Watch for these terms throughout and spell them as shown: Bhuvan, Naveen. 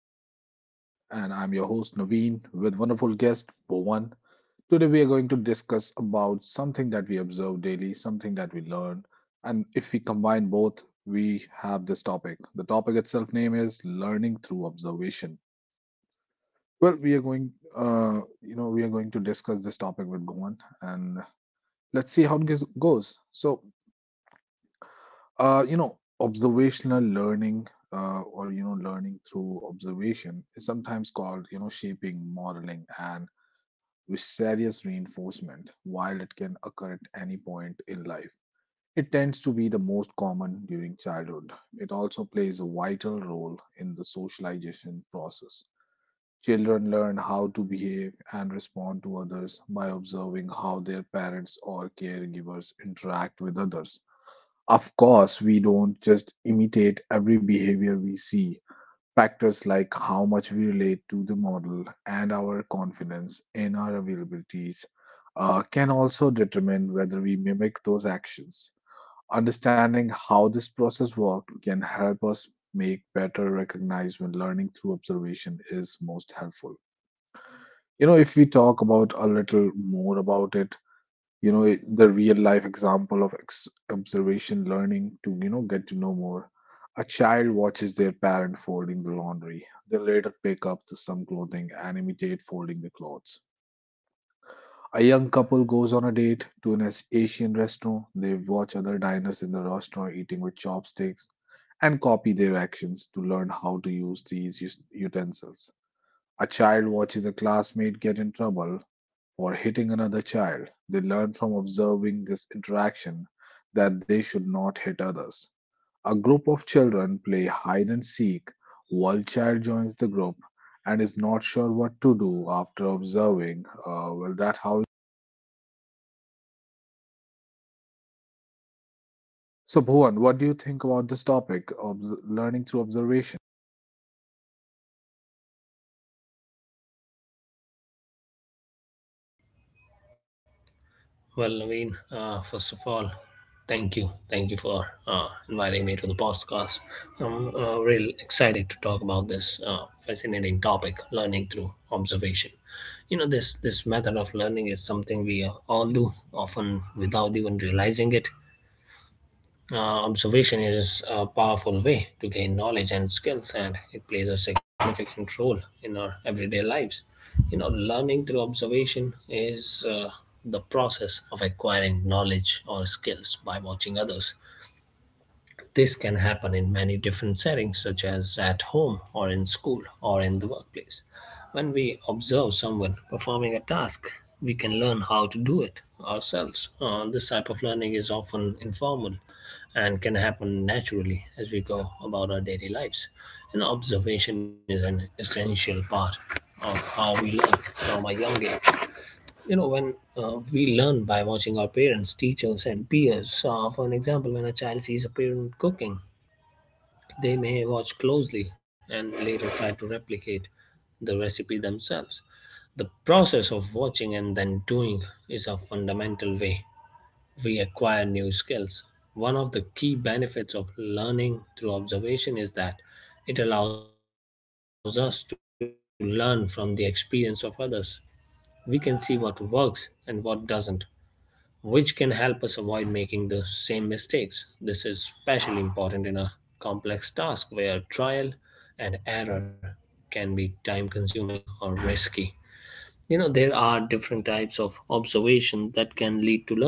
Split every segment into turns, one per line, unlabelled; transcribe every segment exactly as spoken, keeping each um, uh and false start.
podcast. And I'm your host, Naveen, with wonderful guest, Bhuvan. Today, we are going to discuss about something that we observe daily, something that we learn. And if we combine both, we have this topic. The topic itself name is learning through observation. Well, we are going, uh, you know, we are going to discuss this topic with Bhuvan and let's see how it goes. goes. So Uh, you know, observational learning, uh, or you know, learning through observation is sometimes called, you know, shaping, modeling, and vicarious reinforcement. While it can occur at any point in life, it tends to be the most common during childhood. It also plays a vital role in the socialization process. Children learn how to behave and respond to others by observing how their parents or caregivers interact with others. Of course, we don't just imitate every behavior we see. Factors like how much we relate to the model and our confidence in our availabilities uh, can also determine whether we mimic those actions. Understanding how this process works can help us make better recognize when learning through observation is most helpful. You know, if we talk about a little more about it, you know it- the real life example of ex- observation learning to you know get to know more: a child watches their parent folding the laundry, they later pick up the- some clothing and imitate folding the clothes. A young couple goes on a date to an As- asian restaurant. They watch other diners in the restaurant eating with chopsticks and copy their actions to learn how to use these us- utensils. A child watches a classmate get in trouble or hitting another child, they learn from observing this interaction that they should not hit others. A group of children play hide and seek. One child joins the group and is not sure what to do after observing. Uh, well, that how. So, Bhuvan, what do you think about this topic of learning through observation?
Well, Naveen, uh, first of all, thank you. Thank you for uh, inviting me to the podcast. I'm uh, real excited to talk about this uh, fascinating topic, learning through observation. You know, this, this method of learning is something we uh, all do, often without even realizing it. Uh, observation is a powerful way to gain knowledge and skills, and it plays a significant role in our everyday lives. You know, learning through observation is uh, the process of acquiring knowledge or skills by watching others. This can happen in many different settings, such as at home or in school or in the workplace. When we observe someone performing a task, we can learn how to do it ourselves. Uh, this type of learning is often informal and can happen naturally as we go about our daily lives. And observation is an essential part of how we learn from a young age. You know, when uh, We learn by watching our parents, teachers, and peers. So, for an example, when a child sees a parent cooking, they may watch closely and later try to replicate the recipe themselves. The process of watching and then doing is a fundamental way we acquire new skills. One of the key benefits of learning through observation is that it allows us to learn from the experience of others. We can see what works and what doesn't, which can help us avoid making the same mistakes. This is especially important in a complex task where trial and error can be time consuming or risky. You know, there are different types of observation that can lead to learning.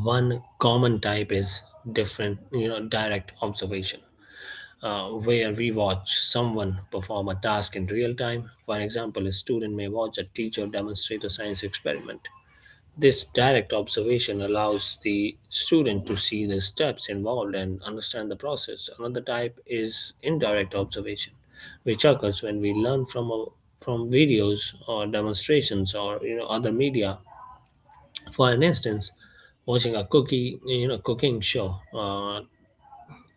One common type is different, you know, direct observation, uh, where we watch someone perform a task in real time. For example, a student may watch a teacher demonstrate a science experiment. This direct observation allows the student to see the steps involved and understand the process. Another type is indirect observation, which occurs when we learn from a, from videos or demonstrations or you know other media. For an instance, watching a cookie, you know, cooking show uh,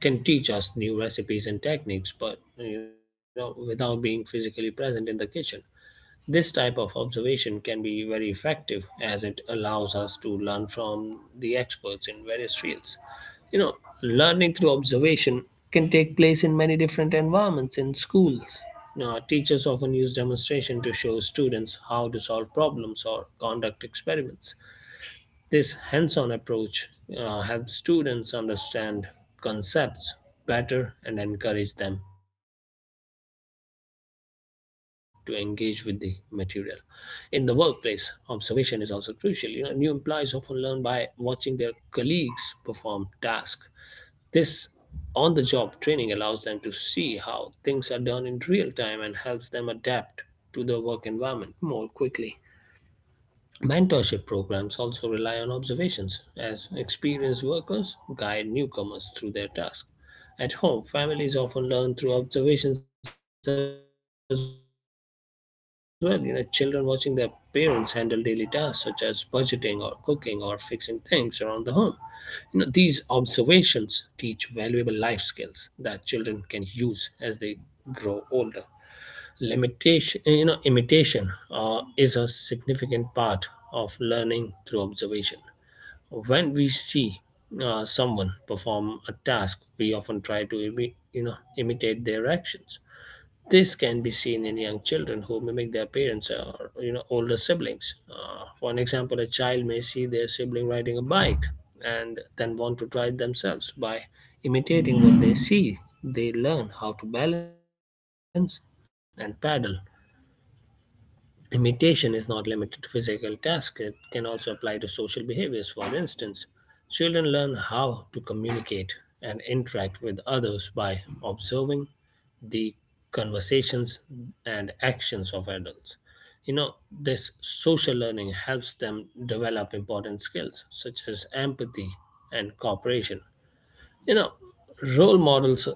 can teach us new recipes and techniques, but you know, without being physically present in the kitchen. This type of observation can be very effective as it allows us to learn from the experts in various fields. You know, Learning through observation can take place in many different environments in schools. Now, teachers often use demonstration to show students how to solve problems or conduct experiments. This hands on approach uh, helps students understand concepts better and encourage them to engage with the material. In the workplace, observation is also crucial. You know, new employees often learn by watching their colleagues perform tasks. This on the job training allows them to see how things are done in real time and helps them adapt to the work environment more quickly. Mentorship programs also rely on observations, as experienced workers guide newcomers through their tasks. At home, families often learn through observations as well. You know, children watching their parents handle daily tasks such as budgeting or cooking or fixing things around the home. You know, these observations teach valuable life skills that children can use as they grow older. Limitation eh, you know Imitation uh, is a significant part of learning through observation. When we see uh, someone perform a task, we often try to imi- you know imitate their actions. This can be seen in young children who mimic their parents or you know older siblings. Uh, for an example, a child may see their sibling riding a bike and then want to try it themselves. By imitating what they see, they learn how to balance and paddle. Imitation is not limited to physical tasks, it can also apply to social behaviors. For instance, children learn how to communicate and interact with others by observing the conversations and actions of adults. You know, this social learning helps them develop important skills such as empathy and cooperation. You know, Role models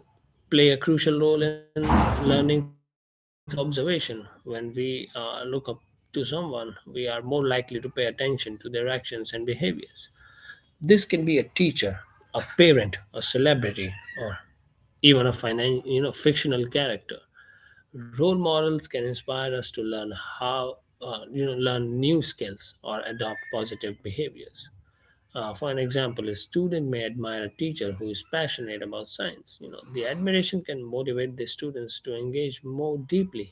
play a crucial role in learning through observation. When we uh, look up to someone, we are more likely to pay attention to their actions and behaviors. This can be a teacher, a parent, a celebrity, or even a finan- you know fictional character. Role models can inspire us to learn how uh, you know learn new skills or adopt positive behaviors. Uh, for an example, a student may admire a teacher who is passionate about science. You know, the admiration can motivate the students to engage more deeply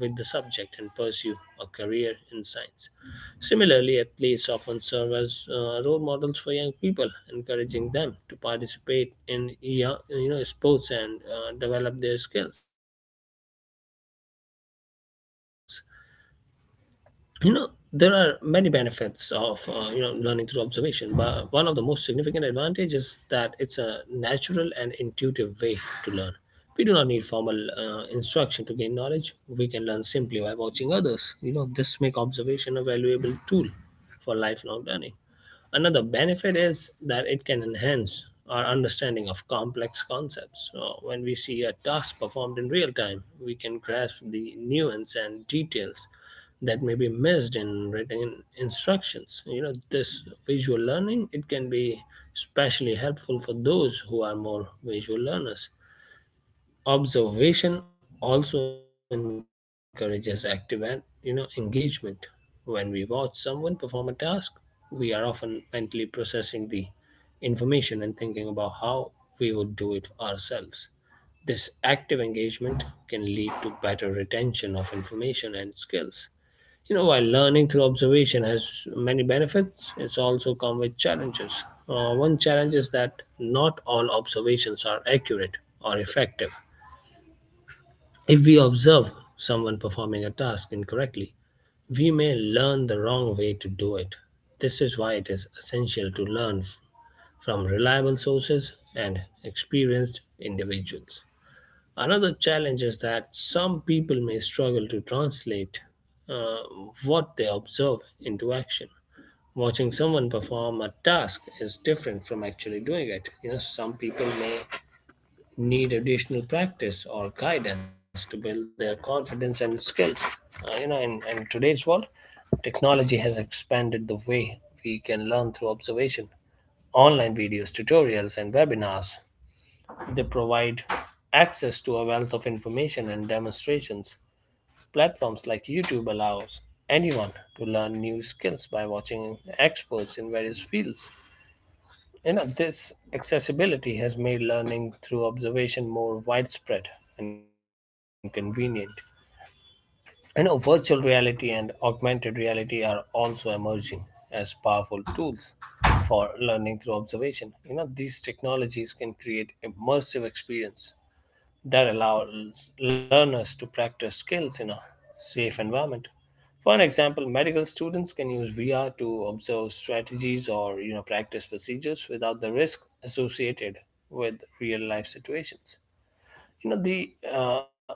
with the subject and pursue a career in science. Similarly, athletes often serve as uh, role models for young people, encouraging them to participate in yo- you know sports and uh, develop their skills. You know there are many benefits of uh, you know learning through observation, but one of the most significant advantages is that it's a natural and intuitive way to learn. We do not need formal uh, instruction to gain knowledge. We can learn simply by watching others. You know, this make observation a valuable tool for lifelong learning. Another benefit is that it can enhance our understanding of complex concepts. So when we see a task performed in real time, we can grasp the nuance and details that may be missed in written instructions. You know, this visual learning it can be especially helpful for those who are more visual learners. Observation also encourages active and you know engagement. When we watch someone perform a task, we are often mentally processing the information and thinking about how we would do it ourselves. This active engagement can lead to better retention of information and skills. You know, while learning through observation has many benefits, it's also come with challenges. Uh, one challenge is that not all observations are accurate or effective. If we observe someone performing a task incorrectly, we may learn the wrong way to do it. This is why it is essential to learn f- from reliable sources and experienced individuals. Another challenge is that some people may struggle to translate uh, what they observe into action. Watching someone perform a task is different from actually doing it. You know, some people may need additional practice or guidance to build their confidence and skills. Uh, you know, in, in today's world, technology has expanded the way we can learn through observation. Online videos, tutorials, and webinars they provide access to a wealth of information and demonstrations. Platforms like YouTube allows anyone to learn new skills by watching experts in various fields. You know, this accessibility has made learning through observation more widespread and convenient. You know, virtual reality and augmented reality are also emerging as powerful tools for learning through observation. You know, these technologies can create immersive experience that allows learners to practice skills in a safe environment. For an example, medical students can use V R to observe strategies or you know practice procedures without the risk associated with real life situations. You know the uh,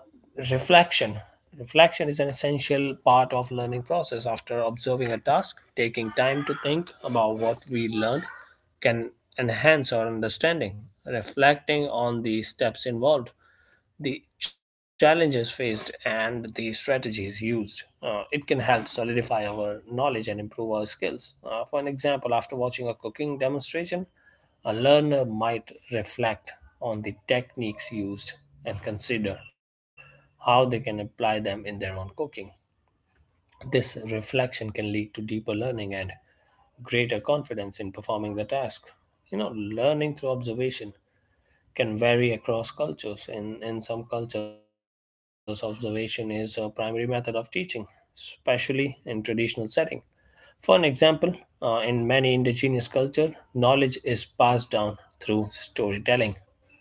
Reflection. Reflection is an essential part of learning process. After observing a task, taking time to think about what we learned can enhance our understanding. Reflecting on the steps involved, the challenges faced, and the strategies used. Uh, it can help solidify our knowledge and improve our skills. Uh, for an example, after watching a cooking demonstration, a learner might reflect on the techniques used and consider how they can apply them in their own cooking. This reflection can lead to deeper learning and greater confidence in performing the task. You know, learning through observation can vary across cultures. In, in some cultures, observation is a primary method of teaching, especially in traditional setting. For an example, uh, in many indigenous cultures, knowledge is passed down through storytelling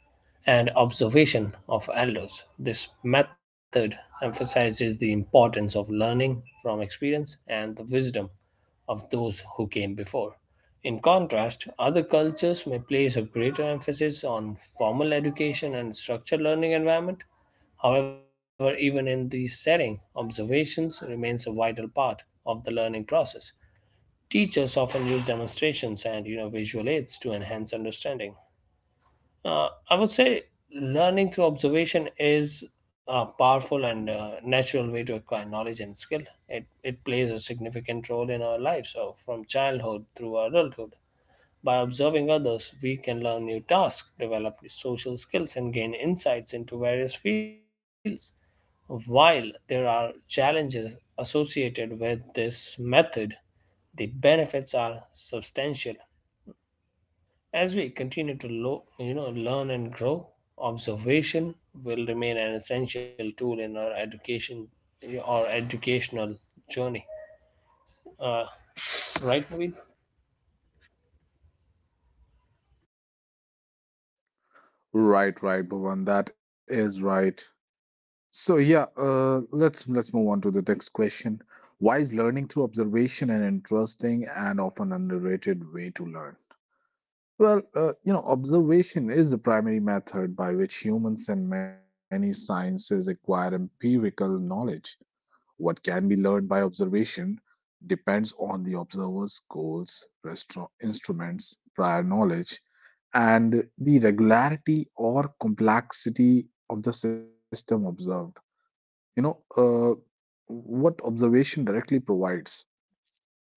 and observation of elders. This method emphasizes the importance of learning from experience and the wisdom of those who came before. In contrast, other cultures may place a greater emphasis on formal education and structured learning environment. However, even in these settings, observations remains a vital part of the learning process. Teachers often use demonstrations and you know visual aids to enhance understanding. uh, I would say learning through observation is a powerful and uh, natural way to acquire knowledge and skill. It, it plays a significant role in our lives, so from childhood through adulthood. By observing others, we can learn new tasks, develop social skills, and gain insights into various fields. While there are challenges associated with this method, the benefits are substantial. As we continue to lo- you know, learn and grow, observation will remain an essential tool in our education or educational journey. Uh, right, Naveen?
Right, right, Bhuvan, that is right. So yeah, uh, let's let's move on to the next question. Why is learning through observation an interesting and often underrated way to learn? Well, uh, you know, observation is the primary method by which humans and many sciences acquire empirical knowledge. What can be learned by observation depends on the observer's goals, restro- instruments, prior knowledge, and the regularity or complexity of the system observed. You know, uh, what observation directly provides: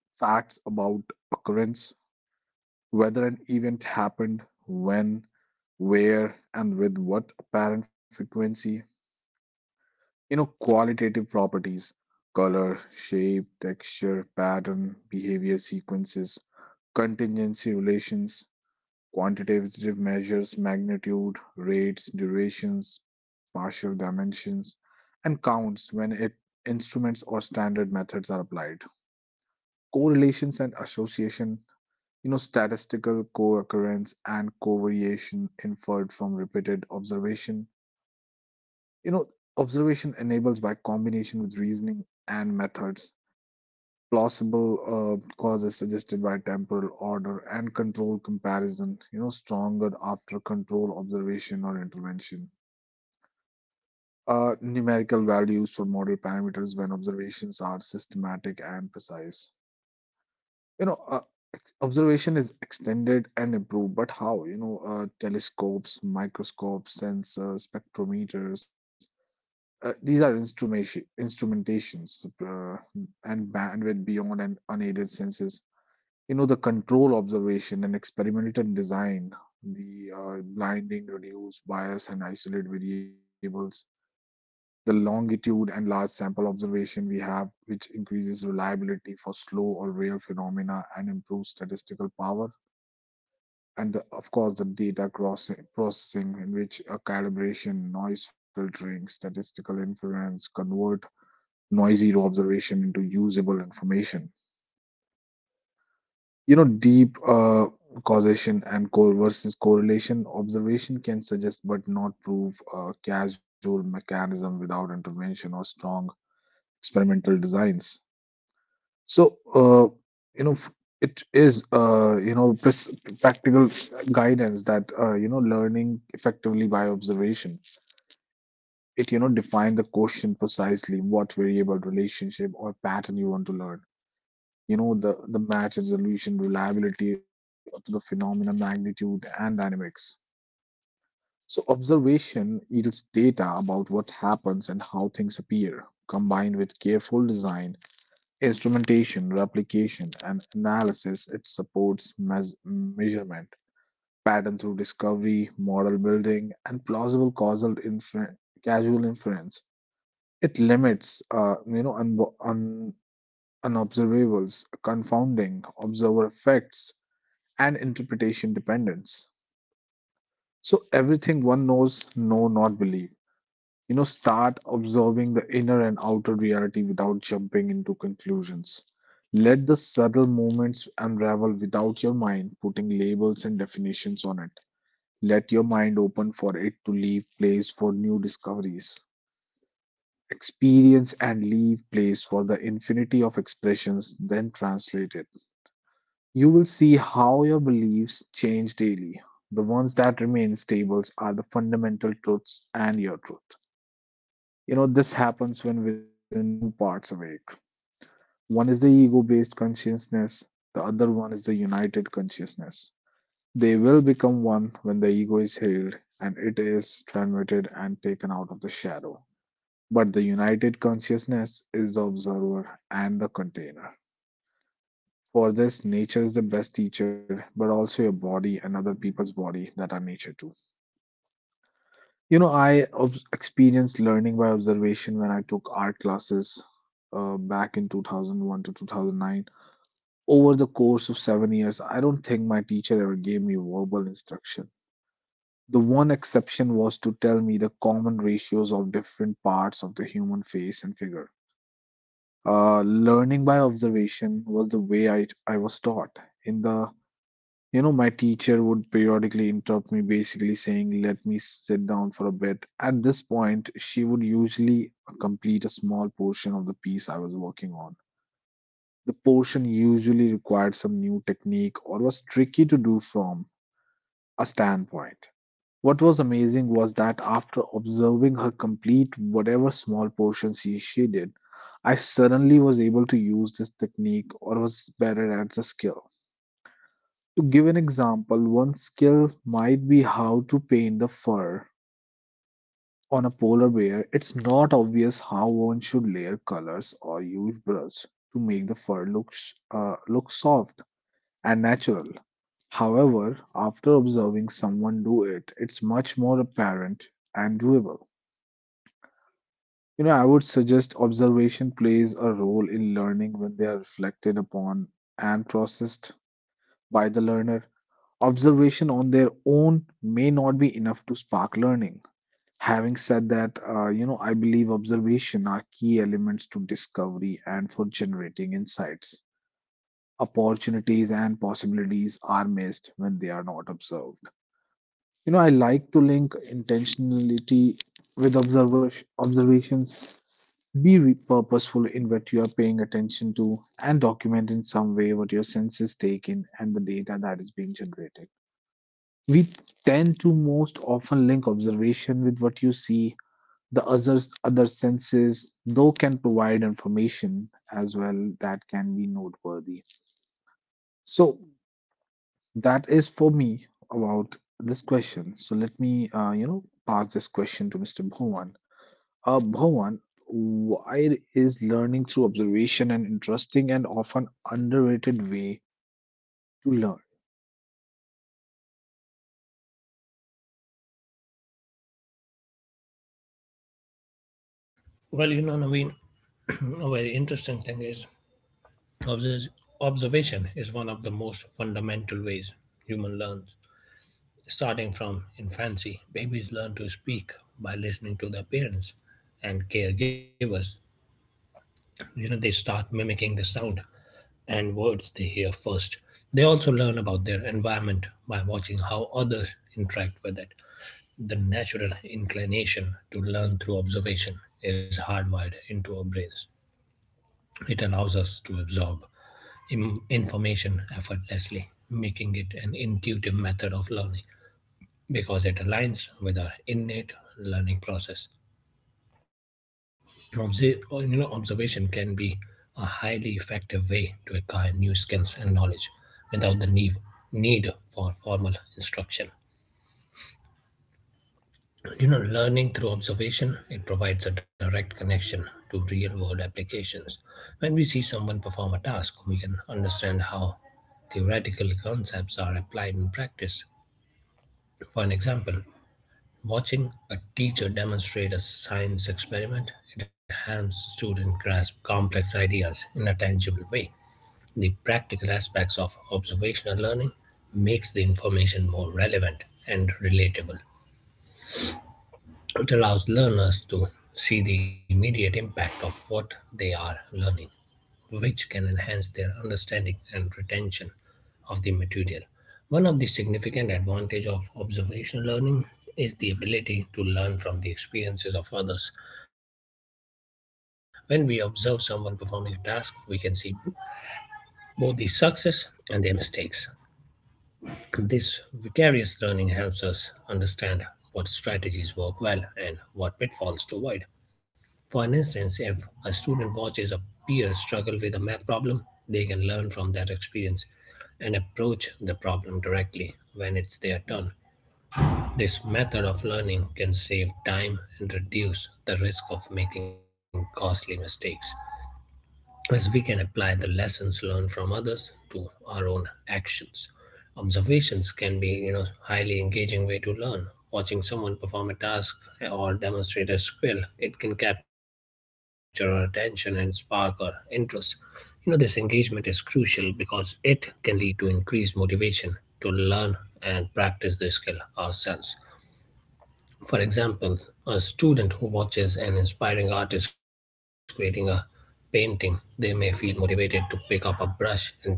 facts about occurrence, whether an event happened, when, where, and with what apparent frequency. You know, qualitative properties, color, shape, texture, pattern, behavior sequences, contingency relations, quantitative measures magnitude, rates, durations, partial dimensions, and counts when it, instruments or standard methods are applied. Correlations and association, you know, statistical co-occurrence and covariation inferred from repeated observation. You know, observation enables by combination with reasoning and methods plausible uh, causes suggested by temporal order and control comparison, you know, stronger after control observation or intervention. Uh, numerical values for model parameters when observations are systematic and precise. You know, uh, observation is extended and improved, but how? You know, uh, telescopes, microscopes, sensors, spectrometers. Uh, these are instrumentation, instrumentations uh, and bandwidth beyond and unaided senses. You know, the control observation and experimental design, the uh, blinding reduce bias and isolate variables, the longitude and large sample observation we have, which increases reliability for slow or rare phenomena and improves statistical power, and the, of course, the data cross processing, in which a calibration noise filtering statistical inference convert noisy observation into usable information. You know, deep uh, causation and co- versus correlation observation can suggest but not prove a causal mechanism without intervention or strong experimental designs. So, uh, you know, f- it is, uh, you know, pres- practical guidance that, uh, you know, learning effectively by observation. It, you know, define the question precisely what variable, relationship, or pattern you want to learn. You know, the the match resolution reliability of the phenomena magnitude and dynamics. So observation yields data about what happens and how things appear, combined with careful design, instrumentation, replication and analysis. It supports mes- measurement, pattern through discovery, model building, and plausible causal infer- casual inference. It limits uh, you know un- un- unobservables, confounding, observer effects, and interpretation dependence. So everything one knows, know, not believe. You know, start observing the inner and outer reality without jumping into conclusions. Let the subtle moments unravel without your mind putting labels and definitions on it. Let your mind open for it to leave place for new discoveries. Experience and leave place for the infinity of expressions, then translate it. You will see how your beliefs change daily. The ones that remain stable are the fundamental truths and your truth. You know, this happens when within there are two parts awake. One is the ego based consciousness, the other one is the united consciousness. They will become one when the ego is healed and it is transmuted and taken out of the shadow. But the united consciousness is the observer and the container. For this, nature is the best teacher, but also your body and other people's body that are nature too. You know, I ob- experienced learning by observation when I took art classes uh, back in two thousand one to two thousand nine. Over the course of seven years, I don't think my teacher ever gave me verbal instruction. The one exception was to tell me the common ratios of different parts of the human face and figure. Uh, learning by observation was the way I, I was taught. In the You know, my teacher would periodically interrupt me, basically saying, "Let me sit down for a bit." At this point, she would usually complete a small portion of the piece I was working on. The portion usually required some new technique or was tricky to do from a standpoint. What was amazing was that after observing her complete whatever small portion she, she did, I suddenly was able to use this technique or was better at the skill. To give an example, one skill might be how to paint the fur on a polar bear. It's not obvious how one should layer colors or use brush to make the fur look sh- uh, look soft and natural. However, after observing someone do it, it's much more apparent and doable. You know, I would suggest observation plays a role in learning when they are reflected upon and processed by the learner. Observation on their own may not be enough to spark learning. Having said that, uh, you know, I believe observation are key elements to discovery and for generating insights. Opportunities and possibilities are missed when they are not observed. You know, I like to link intentionality with observer- observations. Be re- purposeful in what you are paying attention to and document in some way what your senses take in and the data that is being generated. We tend to most often link observation with what you see. The others, other senses, though, can provide information as well that can be noteworthy. So that is for me about this question. So let me, uh, you know, pass this question to mister Bhuvan. Uh, Bhuvan, why is learning through observation an interesting and often underrated way to learn?
Well, you know, Naveen, a very interesting thing is obs- observation is one of the most fundamental ways human learns. Starting from infancy, babies learn to speak by listening to their parents and caregivers. You know they start mimicking the sound and words they hear first. They also learn about their environment by watching how others interact with it. The natural inclination to learn through observation is hardwired into our brains. It allows us to absorb im- information effortlessly, making it an intuitive method of learning because it aligns with our innate learning process. Obse- or, you know, observation can be a highly effective way to acquire new skills and knowledge without the need need for formal instruction. You know, learning through observation, it provides a direct connection to real world applications. When we see someone perform a task, we can understand how theoretical concepts are applied in practice. For an example, watching a teacher demonstrate a science experiment, it helps students grasp complex ideas in a tangible way. The practical aspects of observational learning makes the information more relevant and relatable. It allows learners to see the immediate impact of what they are learning, which can enhance their understanding and retention of the material. One of the significant advantages of observational learning is the ability to learn from the experiences of others. When we observe someone performing a task, we can see both the success and their mistakes. This vicarious learning helps us understand what strategies work well and what pitfalls to avoid. For an instance, if a student watches a peer struggle with a math problem, they can learn from that experience and approach the problem directly when it's their turn. This method of learning can save time and reduce the risk of making costly mistakes, as we can apply the lessons learned from others to our own actions. Observations can be, you know, highly engaging way to learn. Watching someone perform a task or demonstrate a skill, it can capture our attention and spark our interest. You know, this engagement is crucial because it can lead to increased motivation to learn and practice the skill ourselves. For example, a student who watches an inspiring artist creating a painting, they may feel motivated to pick up a brush and try their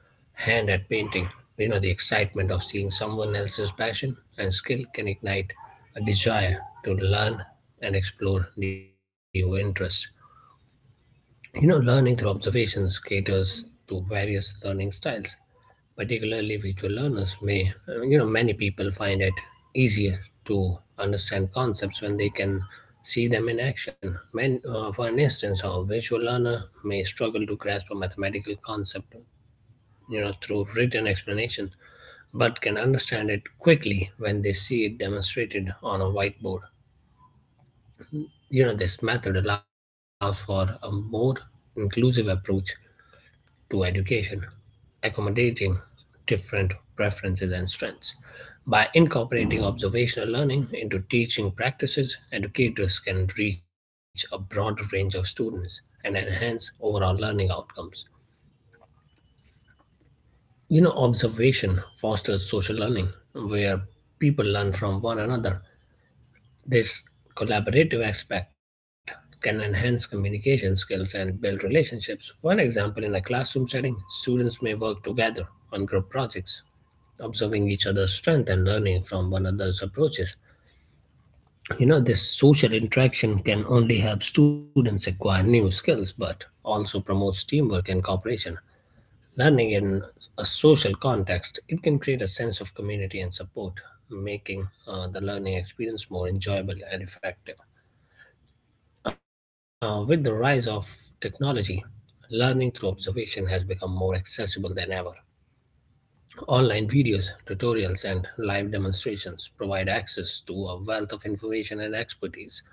hand at painting. You know, the excitement of seeing someone else's passion and skill can ignite a desire to learn and explore new interests. You know, learning through observations caters to various learning styles, particularly visual learners may uh, you know many people find it easier to understand concepts when they can see them in action. Men, uh, for an instance, a visual learner may struggle to grasp a mathematical concept, you know, through written explanation, but can understand it quickly when they see it demonstrated on a whiteboard. You know, this method allows for a more inclusive approach to education, accommodating different preferences and strengths. By incorporating observational learning into teaching practices, educators can reach a broader range of students and enhance overall learning outcomes. You know, observation fosters social learning, where people learn from one another. This collaborative aspect can enhance communication skills and build relationships. For an example, in a classroom setting, students may work together on group projects, observing each other's strength and learning from one another's approaches. You know, this social interaction can only help students acquire new skills, but also promotes teamwork and cooperation. Learning in a social context, it can create a sense of community and support, making uh, the learning experience more enjoyable and effective. Uh, with the rise of technology, learning through observation has become more accessible than ever. Online videos, tutorials, and live demonstrations provide access to a wealth of information and expertise.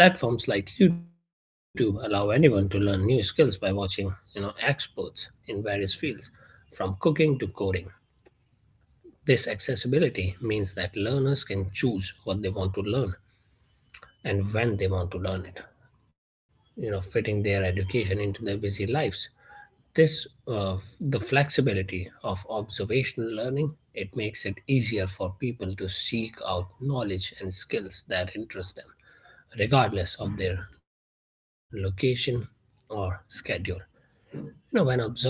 Platforms like YouTube allow anyone to learn new skills by watching, you know, experts in various fields, from cooking to coding. This accessibility means that learners can choose what they want to learn and when they want to learn it, you know, fitting their education into their busy lives. This uh, the flexibility of observational learning, it makes it easier for people to seek out knowledge and skills that interest them regardless of their location or schedule. You know, when observing others,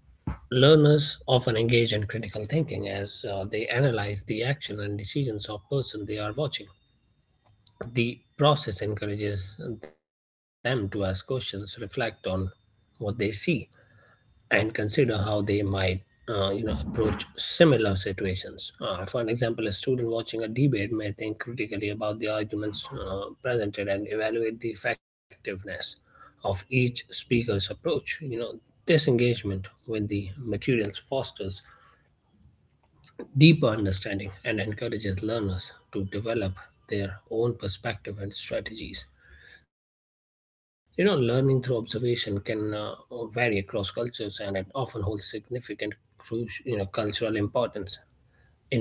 learners often engage in critical thinking as uh, they analyze the action and decisions of person they are watching. The process encourages them to ask questions, reflect on what they see, and consider how they might uh, you know approach similar situations. Uh, for an example, a student watching a debate may think critically about the arguments uh, presented and evaluate the effectiveness of each speaker's approach. You know, this engagement with the materials fosters deeper understanding and encourages learners to develop their own perspective and strategies. You know, learning through observation can uh, vary across cultures and it often holds significant crucial, you know, cultural importance.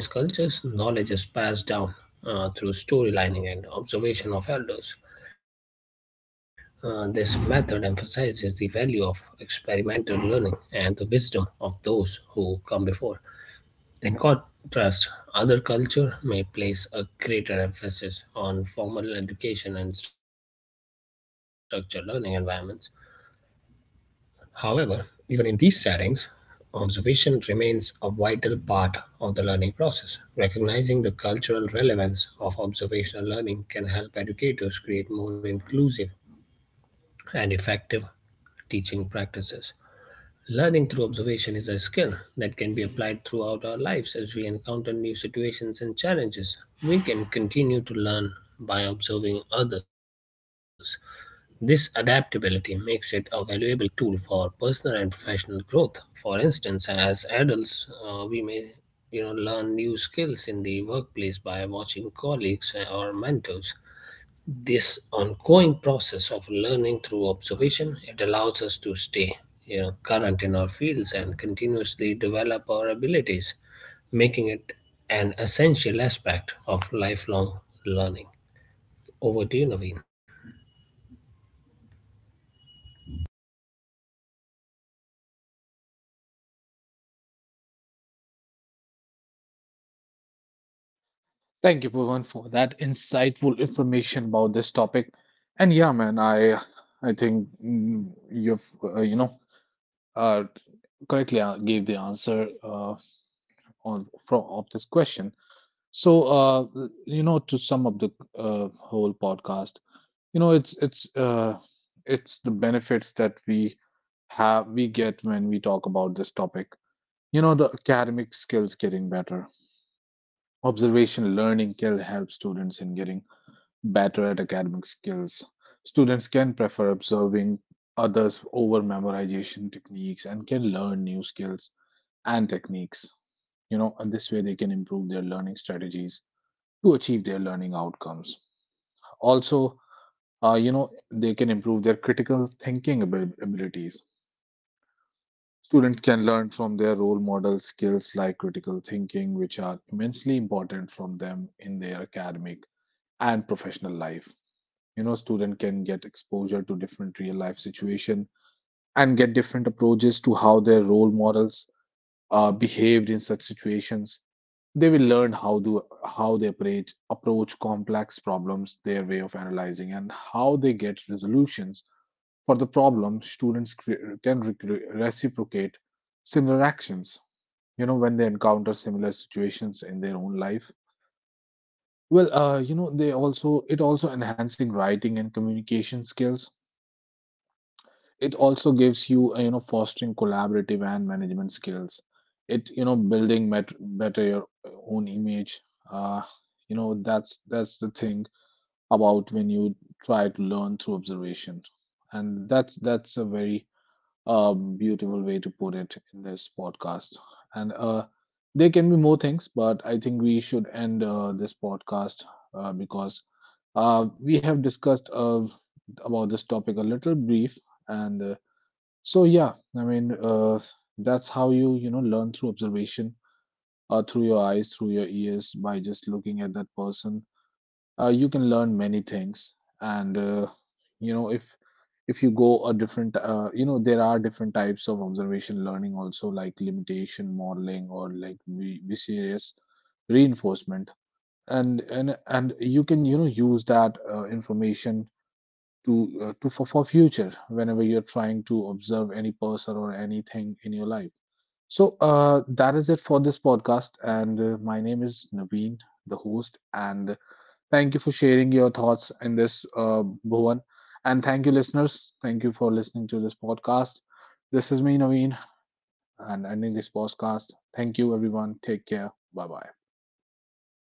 In many indigenous cultures, knowledge is passed down uh, through storylining and observation of elders. Uh, this method emphasizes the value of experimental learning and the wisdom of those who come before. In contrast, other cultures may place a greater emphasis on formal education and structured learning environments. However, even in these settings, observation remains a vital part of the learning process. Recognizing the cultural relevance of observational learning can help educators create more inclusive and effective teaching practices. Learning through observation is a skill that can be applied throughout our lives. As we encounter new situations and challenges, we can continue to learn by observing others. This adaptability makes it a valuable tool for personal and professional growth. For instance, as adults, uh, we may, you know, learn new skills in the workplace by watching colleagues or mentors. This ongoing process of learning through observation, it allows us to stay, you know, current in our fields and continuously develop our abilities, making it an essential aspect of lifelong learning. Over to you, Naveen.
Thank you, Bhuvan, for that insightful information about this topic. And yeah, man, I I think mm, you've uh, you know uh, correctly uh, gave the answer uh, on from of this question. So uh, you know, to sum up the uh, whole podcast, you know, it's it's uh, it's the benefits that we have we get when we talk about this topic. You know, the academic skills getting better, observation learning can help students in getting better at academic skills. Students can prefer observing others over memorization techniques and can learn new skills and techniques. You know, and this way they can improve their learning strategies to achieve their learning outcomes. Also, uh, you know, they can improve their critical thinking abil- abilities. Students can learn from their role model skills like critical thinking, which are immensely important from them in their academic and professional life. You know, student can get exposure to different real life situation and get different approaches to how their role models uh, behaved in such situations. They will learn how do how they approach approach complex problems, their way of analyzing and how they get resolutions for the problem. Students cre- can recre- reciprocate similar actions, you know, when they encounter similar situations in their own life. Well, uh, you know they also, it also enhancing writing and communication skills. It also gives you, uh, you know fostering collaborative and management skills. It, you know building met- better your own image. Uh, you know that's that's the thing about when you try to learn through observation, and that's that's a very um, beautiful way to put it in this podcast. And uh, there can be more things, but I think we should end uh, this podcast, uh, because uh, we have discussed uh, about this topic a little brief. And uh, so yeah, I mean, uh, that's how you, you know learn through observation, uh, through your eyes, through your ears, by just looking at that person. Uh, you can learn many things. And uh, you know if if you go a different, uh, you know there are different types of observation learning also, like limitation modeling or like vi- vicious reinforcement, and and and you can, you know use that uh, information to uh, to for, for future whenever you're trying to observe any person or anything in your life. So uh, that is it for this podcast. And uh, my name is Naveen, the host. And thank you for sharing your thoughts in this, uh, Bhuvan. And thank you, listeners. Thank you for listening to this podcast. This is me, Naveen, and ending this podcast. Thank you, everyone. Take care. Bye bye.